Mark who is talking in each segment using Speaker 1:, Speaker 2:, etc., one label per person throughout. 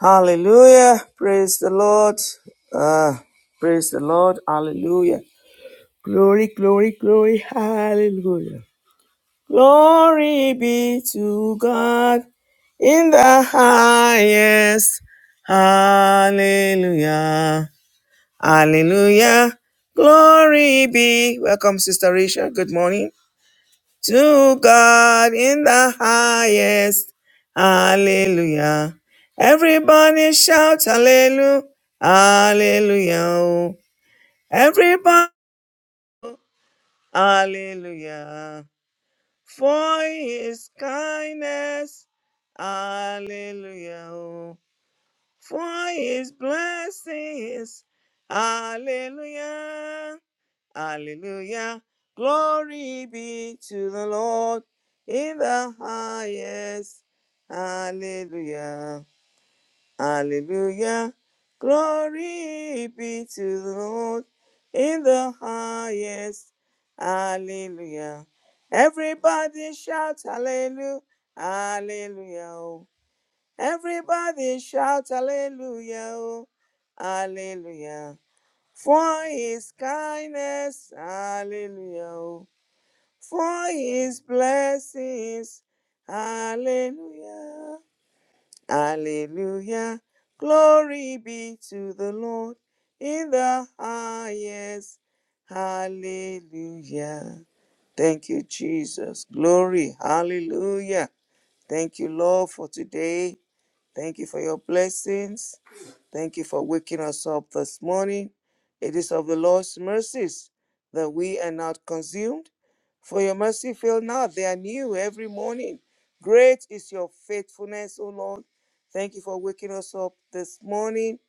Speaker 1: Hallelujah. Praise the Lord. Uh, praise the Lord. Hallelujah. Glory, glory, glory. Hallelujah. Glory be to God in the highest. Hallelujah. Hallelujah. Glory be. Welcome, Sister Risha. Good morning to God in the highest. Hallelujah. Everybody shout hallelujah. Hallelujah. oh. Everybody. Hallelujah. For his kindness. Hallelujah. oh. for his blessings. Hallelujah. Hallelujah. Glory be to the Lord in the highest. Hallelujah. Hallelujah. Glory be to the Lord in the highest. Hallelujah. Everybody shout hallelujah. Hallelujah. Everybody shout hallelujah, oh, hallelujah. For his kindness, hallelujah. oh, For his blessings, hallelujah. Hallelujah. Glory be to the Lord in the highest. Hallelujah. Thank you, Jesus. Glory. Hallelujah. Thank you, Lord, for today. Thank you for your blessings. Thank you for waking us up this morning. It is of the Lord's mercies that we are not consumed. For your mercy fail not, they are new every morning. Great is your faithfulness, O Lord. Thank you for waking us up this morning.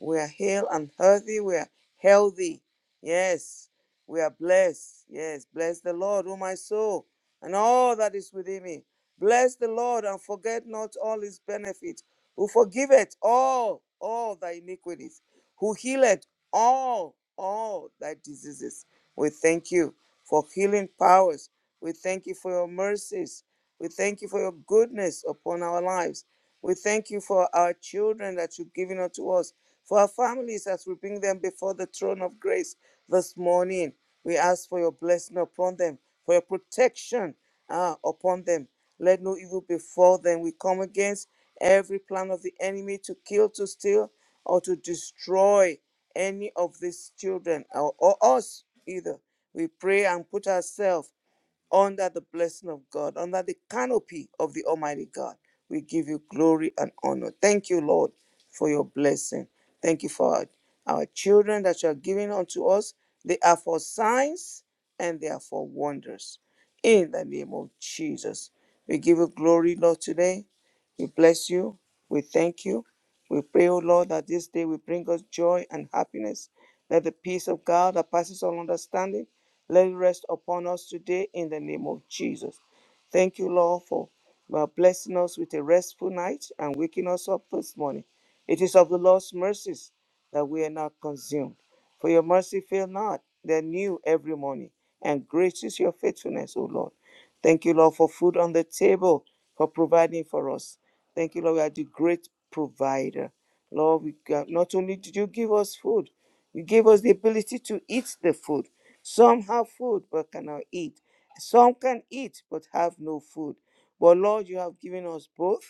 Speaker 1: We are hale and healthy. We are healthy. Yes, we are blessed. Yes, bless the Lord, O my soul, and all that is within me. Bless the Lord and forget not all his benefits, who forgiveth all, all thy iniquities who healeth all, all thy diseases. We thank you for healing powers. We thank you for your mercies. We thank you for your goodness upon our lives. We thank you for our children that you've given unto us, for our families as we bring them before the throne of grace this morning. We ask for your blessing upon them, for your protection uh, upon them. Let no evil befall them. We come against every plan of the enemy to kill, to steal, or to destroy any of these children or, or us either. We pray and put ourselves under the blessing of God, under the canopy of the Almighty God. We give you glory and honor. Thank you, Lord, for your blessing. Thank you for our, our children that you are giving unto us. They are for signs and they are for wonders. In the name of Jesus, we give you glory, Lord, today. We bless you. We thank you. We pray, O Lord, that this day will bring us joy and happiness. Let the peace of God that passes all understanding let it rest upon us today in the name of Jesus. Thank you, Lord, for uh, blessing us with a restful night and waking us up this morning. It is of the Lord's mercies that we are not consumed. For your mercy fail not, they're new every morning. And great is your faithfulness, O Lord. Thank you, Lord, for food on the table, for providing for us. Thank you, Lord, you are the great provider. Lord, we got, not only did you give us food, you gave us the ability to eat the food. Some have food but cannot eat. Some can eat but have no food. But Lord, you have given us both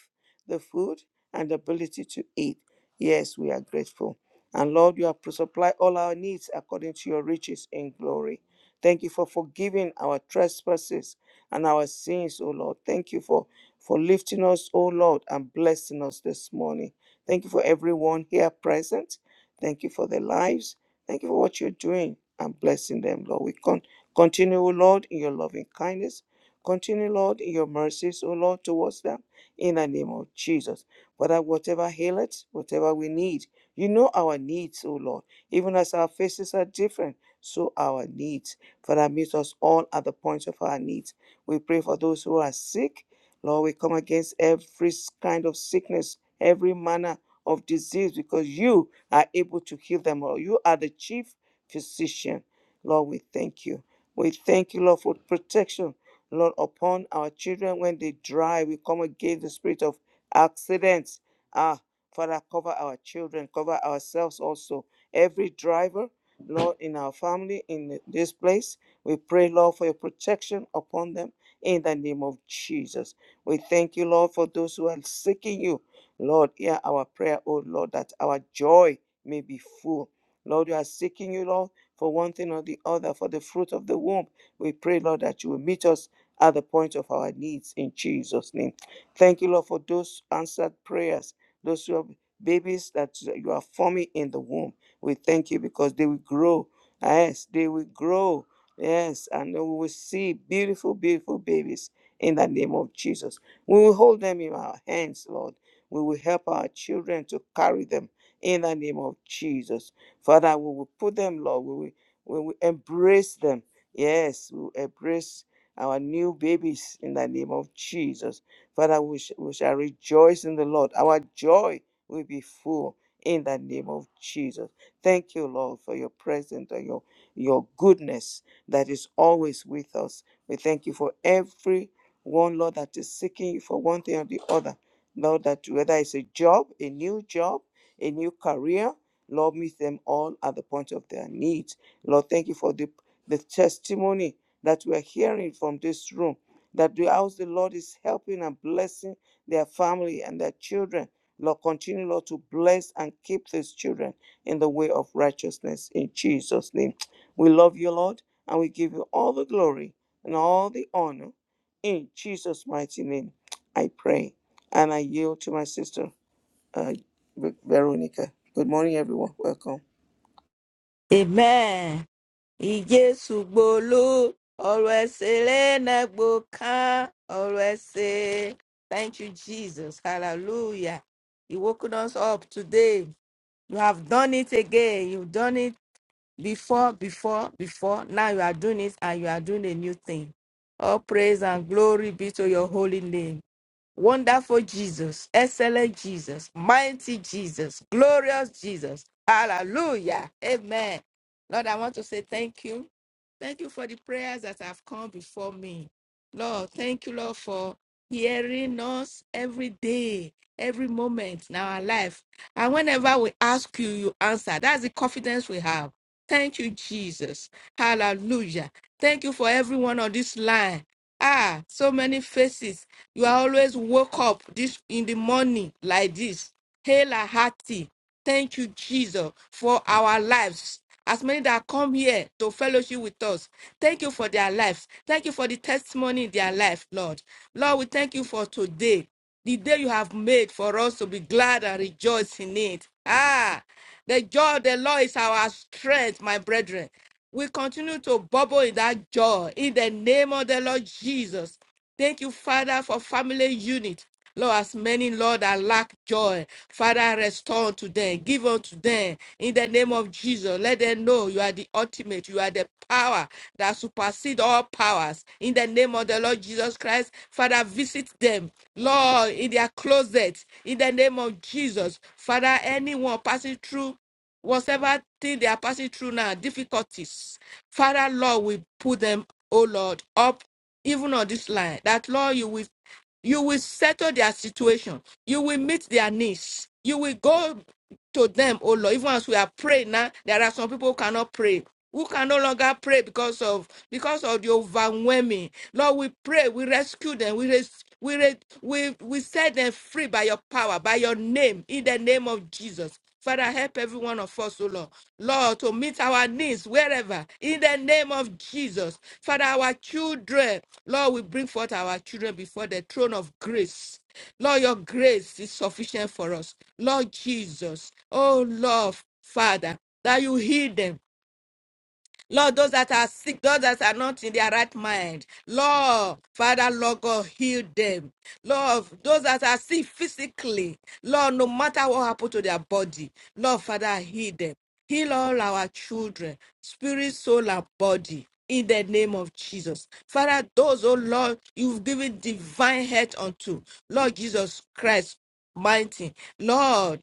Speaker 1: the food and the ability to eat. Yes, we are grateful. And Lord, you have supplied all our needs according to your riches in glory. Thank you for forgiving our trespasses and our sins, O Lord. Thank you for, for lifting us, O Lord, and blessing us this morning. Thank you for everyone here present. Thank you for their lives. Thank you for what you're doing and blessing them, Lord. We con- continue, O Lord, in your loving kindness. Continue, Lord, in your mercies, O Lord, towards them in the name of Jesus. Father, whatever aileth, whatever we need, you know our needs, O Lord. Even as our faces are different, so our needs. Father, meet us all at the point of our needs. We pray for those who are sick. Lord, we come against every kind of sickness, every manner of disease, because you are able to heal them Lord. You are the chief physician. Lord, we thank you. We thank you, Lord, for protection, Lord, upon our children when they drive. We come against the spirit of accidents. Ah, Father, cover our children, cover ourselves also. Every driver, Lord, in our family, in this place, we pray, Lord, for your protection upon them in the name of Jesus. We thank you, Lord, for those who are seeking you. Lord, hear our prayer, O Lord, that our joy may be full. Lord, we are seeking you, Lord, for one thing or the other, for the fruit of the womb. We pray, Lord, that you will meet us at the point of our needs in Jesus' name. Thank you, Lord, for those answered prayers, those who have babies that you are forming in the womb. We thank you because they will grow. Yes, they will grow. Yes, and we will see beautiful, beautiful babies in the name of Jesus. We will hold them in our hands, Lord. We will help our children to carry them in the name of Jesus. Father, we will put them, Lord, we will, we will embrace them. Yes, we will embrace our new babies in the name of Jesus. Father, we, sh- we shall rejoice in the Lord. Our joy will be full in the name of Jesus. Thank you, Lord, for your presence and your, your goodness that is always with us. We thank you for every one, Lord, that is seeking you for one thing or the other. Lord, that whether it's a job, a new job, a new career. Lord, meet them all at the point of their needs. Lord, thank you for the, the testimony that we're hearing from this room, that the house the Lord is helping and blessing their family and their children. Lord, continue, Lord, to bless and keep these children in the way of righteousness in Jesus' name. We love you, Lord, and we give you all the glory and all the honor. In Jesus' mighty name, I pray. And I yield to my sister uh, Veronica. Good morning, everyone. Welcome.
Speaker 2: Amen. Ìjésù gbolú, ọ̀rọ̀ ẹ̀sìn lẹ́nà gbòókán, ọ̀rọ̀ ẹ̀sìn. Thank you, Jesus. Hallelujah. You woken us up today. You have done it again. You've done it before, before, before. Now you are doing it and you are doing a new thing. All praise and glory be to your holy name. Wonderful Jesus, excellent Jesus, mighty Jesus, glorious Jesus. Hallelujah. Amen. Lord, I want to say thank you. Thank you for the prayers that have come before me. Lord, thank you, Lord, for hearing us every day, every moment in our life. And whenever we ask you, you answer. That's the confidence we have. Thank you, Jesus. Hallelujah. Thank you for everyone on this line. Ah, so many faces you always woke up this in the morning like this. Hail and hearty. Thank you, Jesus, for our lives. As many that come here to fellowship with us, thank you for their lives. Thank you for the testimony in their life, Lord. Lord, we thank you for today, the day you have made for us to be glad and rejoice in it. Ah, the joy of the Lord is our strength, my brethren. We continue to bubble in that joy in the name of the Lord Jesus. Thank you, Father, for family unit. Lord, as many, Lord, that lack joy, Father, restore to them, give unto them in the name of Jesus. Let them know you are the ultimate, you are the power that supersedes all powers. In the name of the Lord Jesus Christ, Father, visit them, Lord, in their closet, in the name of Jesus. Father, anyone passing through whatever thing they are passing through now, difficulties, Father, Lord, we put them, oh Lord, up even on this line that Lord, you will you will settle their situation, you will meet their needs, you will go to them, oh Lord. Even as we are praying now, there are some people who cannot pray. Who can no longer pray because of because of the overwhelming? Lord, we pray, we rescue them, we res- we, re- we we set them free by your power, by your name, in the name of Jesus. Father, help every one of us, O Lord. Lord, to meet our needs wherever, in the name of Jesus. Father, our children, Lord, we bring forth our children before the throne of grace. Lord, your grace is sufficient for us. Lord Jesus, oh Lord, Father, that you heal them Lord, those that are sick, those that are not in their right mind, Lord, Father, Lord God, heal them. Lord, those that are sick physically, Lord, no matter what happened to their body, Lord, Father, heal them. Heal all our children, spirit, soul, and body. In the name of Jesus. Father, those, oh Lord, you've given divine health unto. Lord Jesus Christ, mighty. Lord,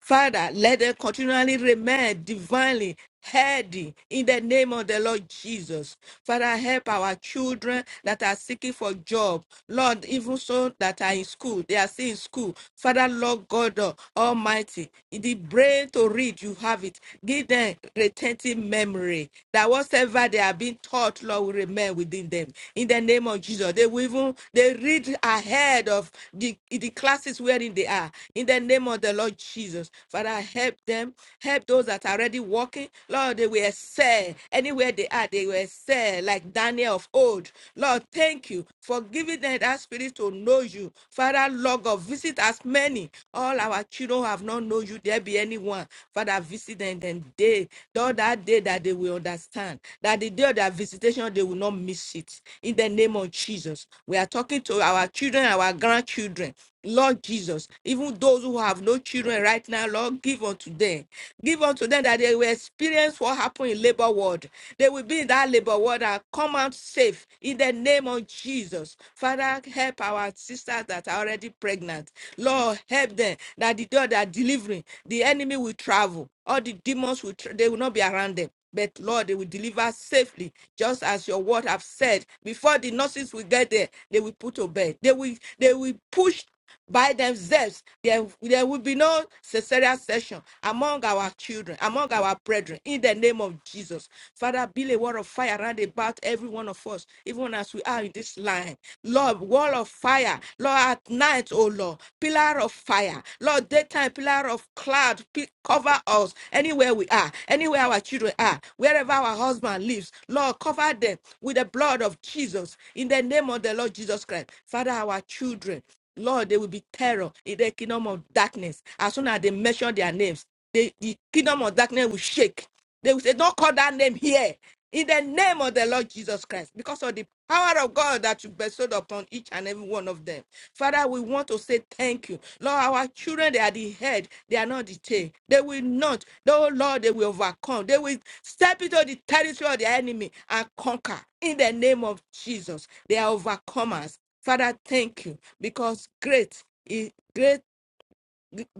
Speaker 2: Father, let them continually remain divinely healthy in the name of the Lord Jesus. Father, help our children that are seeking for job. Lord, even so that are in school, they are still in school. Father, Lord God Almighty, in the brain to read, you have it. Give them retentive memory that whatever they are being taught, Lord, will remain within them. In the name of Jesus, they will even they read ahead of the, the classes wherein they are. In the name of the Lord Jesus. Father, help them. Help those that are already walking. Lord, they will excel. Anywhere they are, they will excel, like Daniel of old. Lord, thank you for giving them that spirit to know you. Father, Lord God, visit as many. All our children who have not known you, there be anyone. Father, visit them then day, Lord, that day that they will understand. That the day of their visitation, they will not miss it. In the name of Jesus. We are talking to our children, our grandchildren. Lord Jesus, even those who have no children right now, Lord, give unto them. Give unto them that they will experience what happened in labor ward. They will be in that labor ward. and come out safe in the name of Jesus. Father, help our sisters that are already pregnant. Lord, help them that the door they are delivering, the enemy will travel. All the demons will tra- they will not be around them. But Lord, they will deliver safely, just as your word have said. Before the nurses will get there, they will put to bed. They will they will push by themselves, there, there will be no cesarean section among our children, among our brethren, in the name of Jesus. Father, build a wall of fire around about every one of us, even as we are in this line. Lord, wall of fire, Lord, at night, oh Lord, pillar of fire, Lord, daytime, pillar of cloud, pi- cover us anywhere we are, anywhere our children are, wherever our husband lives. Lord, cover them with the blood of Jesus, in the name of the Lord Jesus Christ. Father, our children. Lord, there will be terror in the kingdom of darkness. As soon as they mention their names, they, the kingdom of darkness will shake. They will say, Don't call that name here. In the name of the Lord Jesus Christ, because of the power of God that you bestowed upon each and every one of them. Father, we want to say thank you. Lord, our children, they are the head, they are not the tail. They will not, oh Lord, they will overcome. They will step into the territory of the enemy and conquer. In the name of Jesus, they are overcomers. Father, thank you because great is great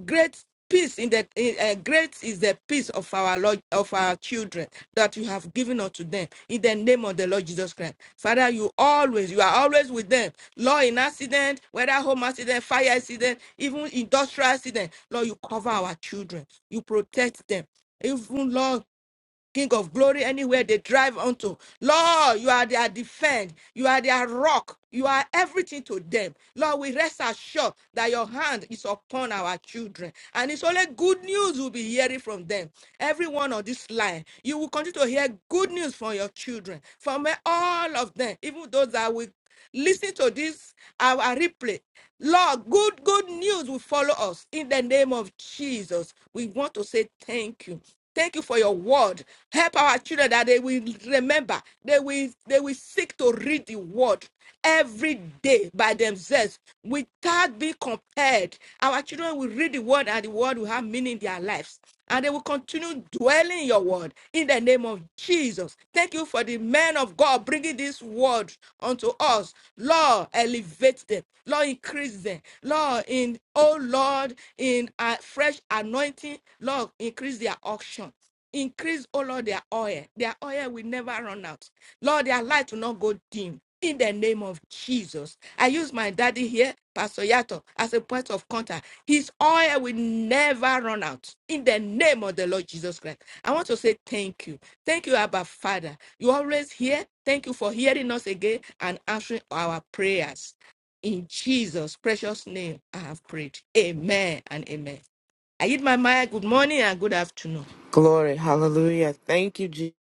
Speaker 2: great peace in the in, uh, great is the peace of our Lord of our children that you have given unto them in the name of the Lord Jesus Christ. Father, you always you are always with them. Lord, in accident, whether home accident, fire accident, even industrial accident, Lord, you cover our children, you protect them. Even Lord. King of glory, anywhere they drive unto. Lord, you are their defense. You are their rock. You are everything to them. Lord, we rest assured that your hand is upon our children. And it's only good news we'll be hearing from them. Everyone on this line, you will continue to hear good news from your children, from all of them, even those that will Listen to this our replay. Lord, good good news will follow us in the name of Jesus. We want to say thank you. Thank you for your word. Help our children that they will remember. They will they will seek to read the word every day by themselves without being compared. Our children will read the word and the word will have meaning in their lives and they will continue dwelling in your word in the name of Jesus. Thank you for the men of God bringing this word unto us. Lord, elevate them. Lord, increase them. Lord, in oh Lord, in a fresh anointing, Lord, increase their auction. Increase, oh Lord, their oil. Their oil will never run out. Lord, their light will not go dim. In the name of Jesus. I use my daddy here, Pastor Yato, as a point of contact. His oil will never run out. In the name of the Lord Jesus Christ. I want to say thank you. Thank you, Abba Father. You always here. Thank you for hearing us again and answering our prayers. In Jesus' precious name, I have prayed. Amen and amen. I give my Maya good morning and good afternoon.
Speaker 3: Glory, hallelujah. Thank you, Jesus,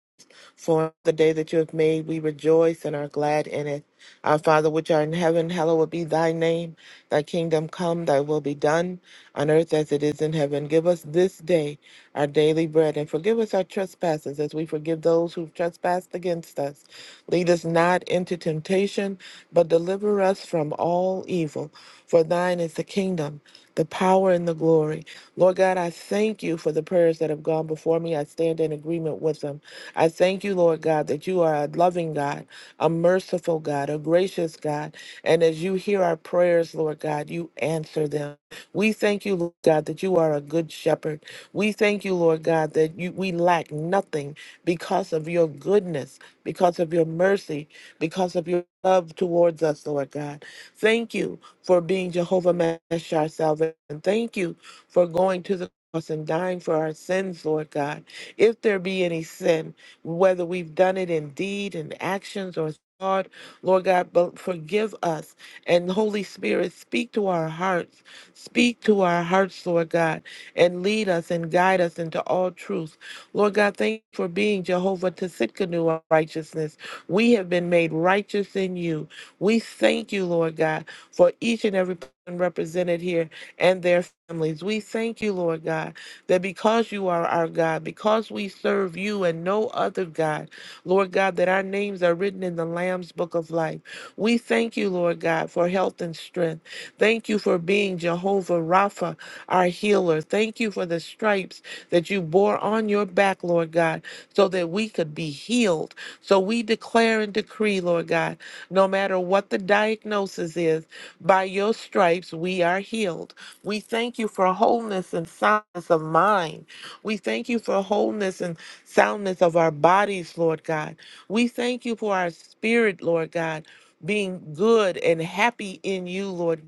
Speaker 3: for the day that you have made. We rejoice and are glad in it. Our Father, which art in heaven, hallowed be thy name. Thy kingdom come, thy will be done on earth as it is in heaven. Give us this day our daily bread and forgive us our trespasses as we forgive those who've trespassed against us. Lead us not into temptation, but deliver us from all evil. For thine is the kingdom, the power, and the glory. Lord God, I thank you for the prayers that have gone before me. I stand in agreement with them. I thank you, Lord God, that you are a loving God, a merciful God, a gracious God. And as you hear our prayers, Lord God, you answer them. We thank you, Lord God, that you are a good shepherd. We thank you, Lord God, that you, we lack nothing because of your goodness, because of your mercy, because of your love towards us, Lord God. Thank you for being Jehovah Mash, our salvation. Thank you for going to the cross and dying for our sins, Lord God. If there be any sin, whether we've done it in deed and actions or thought, Lord God, but forgive us. And Holy Spirit, speak to our hearts. Speak to our hearts, Lord God, and lead us and guide us into all truth. Lord God, thank you for being Jehovah Tisitkanu of righteousness. We have been made righteous in you. We thank you, Lord God, for each and every person represented here and their families. We thank you, Lord God, that because you are our God, because we serve you and no other God, Lord God, that our names are written in the Lamb's book of life. We thank you, Lord God, for health and strength. Thank you for being Jehovah Rapha, our healer. Thank you for the stripes that you bore on your back, Lord God, so that we could be healed. So we declare and decree, Lord God, no matter what the diagnosis is, by your stripes we are healed. We thank you for wholeness and soundness of mind. We thank you for wholeness and soundness of our bodies, Lord God. We thank you for our spirit, Lord God, being good and happy in you, Lord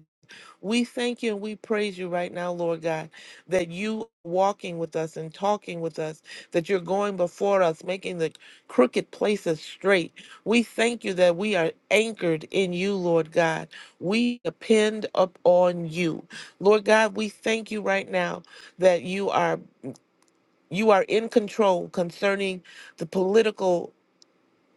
Speaker 3: we thank you and we praise you right now, Lord God, that you are walking with us and talking with us, that you're going before us, making the crooked places straight. We thank you that we are anchored in you, Lord God. We depend upon you. Lord God, we thank you right now that you are you are in control concerning the political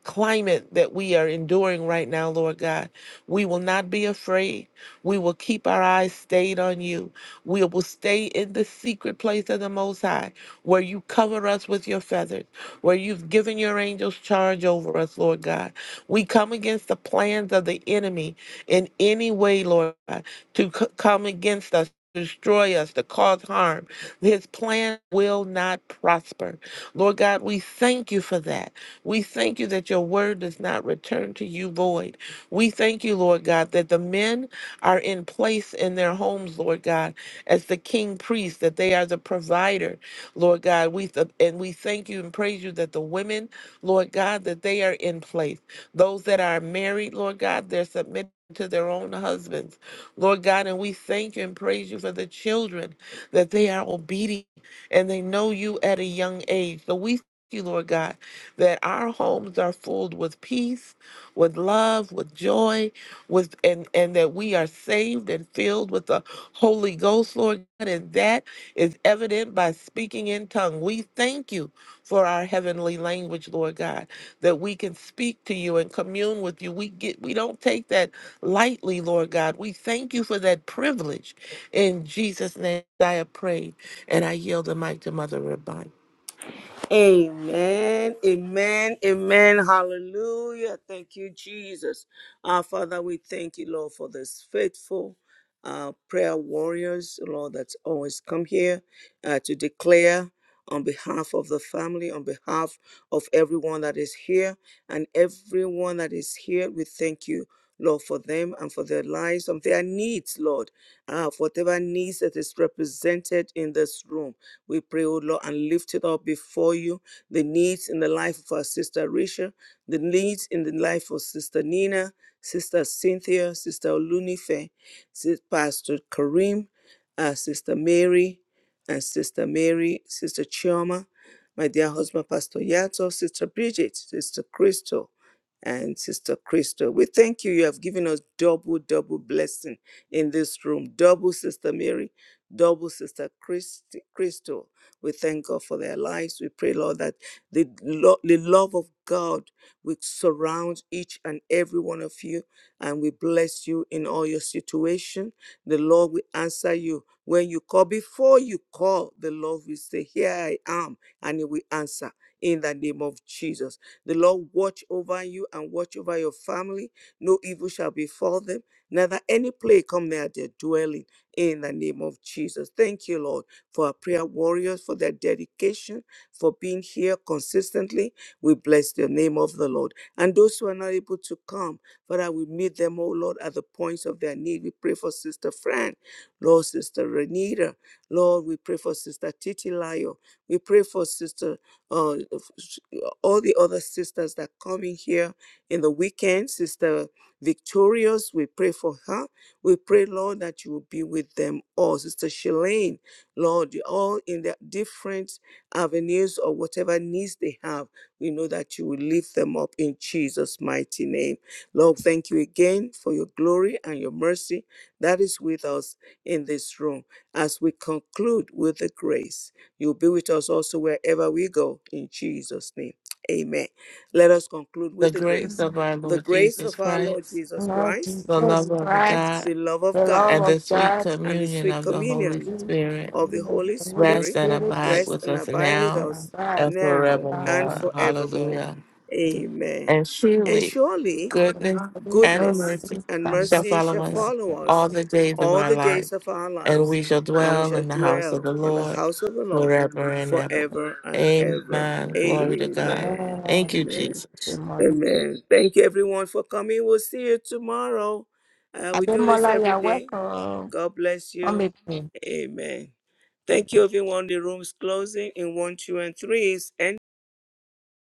Speaker 3: climate that we are enduring right now, Lord God. We will not be afraid. We will keep our eyes stayed on you. We will stay in the secret place of the Most High, where you cover us with your feathers, where you've given your angels charge over us, Lord God. We come against the plans of the enemy in any way, Lord God, to c- come against us. to Destroy us to cause harm. His plan will not prosper. Lord God, we thank you for that. We thank you that your word does not return to you void. We thank you, Lord God, that the men are in place in their homes, Lord God, as the king priest, that they are the provider, Lord God. We th- and we thank you and praise you that the women, Lord God, that they are in place. Those that are married, Lord God, they're submitted to their own husbands, Lord God, and we thank you and praise you for the children that they are obedient and they know you at a young age. So we thank you, Lord God that our homes are filled with peace, with love, with joy, with and and that we are saved and filled with the Holy Ghost, Lord God, and that is evident by speaking in tongue. We thank you for our heavenly language, Lord God, that we can speak to you and commune with you. We get we don't take that lightly, Lord God. We thank you for that privilege. In Jesus' name I have prayed and I yield the mic to Mother Rabban.
Speaker 1: Amen, amen, amen. Hallelujah. Thank you, Jesus. Our Father, we thank you, Lord, for this faithful uh, prayer warriors, Lord, that always come here uh, to declare on behalf of the family, on behalf of everyone that is here, and everyone that is here, we thank you. Lord, for them and for their lives and their needs, Lord, uh, for whatever needs that is represented in this room. We pray, O Lord, and lift it up before you the needs in the life of our sister Risha, the needs in the life of sister Nina, sister Cynthia, sister Olunife, Sis- Pastor Kareem, uh, sister Mary, and sister Mary, sister Chioma, my dear husband, Pastor Yato, sister Bridget, sister Crystal, and Sister Crystal. We thank you. You have given us double, double blessing in this room. Double, Sister Mary double sister Christ, Crystal. We thank God for their lives. We pray, Lord, that the, lo- the love of God will surround each and every one of you, and we bless you in all your situation. The Lord will answer you. When you call, before you call, the Lord will say, Here I am, and He will answer in the name of Jesus. The Lord watch over you and watch over your family. No evil shall befall them, neither any plague come near their dwelling in the name of Jesus. Thank you, Lord, for our prayer warriors, for their dedication, for being here consistently. We bless the name of the Lord. And those who are not able to come, Father, we meet them, oh Lord, at the points of their need. We pray for Sister Fran, Lord, Sister Renita. Lord, we pray for Sister Titilayo. We pray for Sister, uh, all the other sisters that come in here in the weekend. Sister Victorious, we pray for her. We pray, Lord, that you will be with them all. Sister Shalane, Lord, all in their different avenues or whatever needs they have, we know that you will lift them up in Jesus' mighty name. Lord, thank you again for your glory and your mercy that is with us in this room. As we conclude with the grace, you'll be with us also wherever we go in Jesus' name. Amen. Let us conclude
Speaker 3: the
Speaker 1: with the
Speaker 3: grace
Speaker 1: grace.
Speaker 3: of our
Speaker 1: The
Speaker 3: Lord
Speaker 1: grace
Speaker 3: Jesus
Speaker 1: of our Lord
Speaker 3: Christ,
Speaker 1: Jesus
Speaker 2: Lord
Speaker 1: Christ
Speaker 3: the
Speaker 2: Jesus
Speaker 3: love of
Speaker 2: Christ,
Speaker 3: God,
Speaker 1: the love of
Speaker 2: the love
Speaker 1: God,
Speaker 3: and the
Speaker 2: of
Speaker 3: sweet
Speaker 2: God.
Speaker 1: and the
Speaker 3: communion
Speaker 1: sweet
Speaker 3: of the Holy
Speaker 1: communion
Speaker 2: you,
Speaker 3: Spirit
Speaker 1: of the
Speaker 2: and
Speaker 1: Holy
Speaker 2: the Holy
Speaker 3: rest
Speaker 1: Spirit
Speaker 3: and
Speaker 2: Spirit,
Speaker 3: abide
Speaker 1: rest
Speaker 3: with
Speaker 1: and
Speaker 3: us
Speaker 1: abide
Speaker 2: those
Speaker 1: with
Speaker 2: that
Speaker 3: now
Speaker 2: are
Speaker 1: us
Speaker 2: alive,
Speaker 3: and
Speaker 1: now
Speaker 2: now
Speaker 1: and
Speaker 3: forevermore.
Speaker 2: and
Speaker 1: forevermore.
Speaker 3: Hallelujah.
Speaker 2: forever.
Speaker 1: Amen.
Speaker 3: And
Speaker 1: And
Speaker 3: surely
Speaker 1: surely
Speaker 3: goodness and
Speaker 2: God,
Speaker 1: goodness
Speaker 3: mercy
Speaker 2: please,
Speaker 1: and
Speaker 2: and
Speaker 3: shall
Speaker 1: mercy
Speaker 2: mercy.
Speaker 3: follow
Speaker 1: shall
Speaker 3: us
Speaker 1: follow us
Speaker 3: all the days of
Speaker 1: all
Speaker 3: our
Speaker 1: the
Speaker 3: life,
Speaker 1: days of our
Speaker 3: and
Speaker 1: lives,
Speaker 3: we shall
Speaker 1: and we
Speaker 3: dwell
Speaker 1: shall
Speaker 3: in the house of
Speaker 1: dwell
Speaker 3: the
Speaker 1: in the
Speaker 3: Lord
Speaker 1: house of the Lord
Speaker 3: forever and ever.
Speaker 1: forever and ever.
Speaker 3: Amen. Glory to God.
Speaker 1: Amen.
Speaker 2: Amen.
Speaker 3: Thank you,
Speaker 1: Amen.
Speaker 3: Jesus.
Speaker 2: Amen.
Speaker 1: Amen. Thank you, everyone, for coming. We'll see you tomorrow. Uh, we do this
Speaker 2: Ademola, you
Speaker 1: every
Speaker 2: are
Speaker 1: day.
Speaker 2: welcome.
Speaker 1: God bless
Speaker 2: Come
Speaker 1: you.
Speaker 2: with me.
Speaker 1: Amen. Thank you, everyone. The room's closing in one, two, and three. It's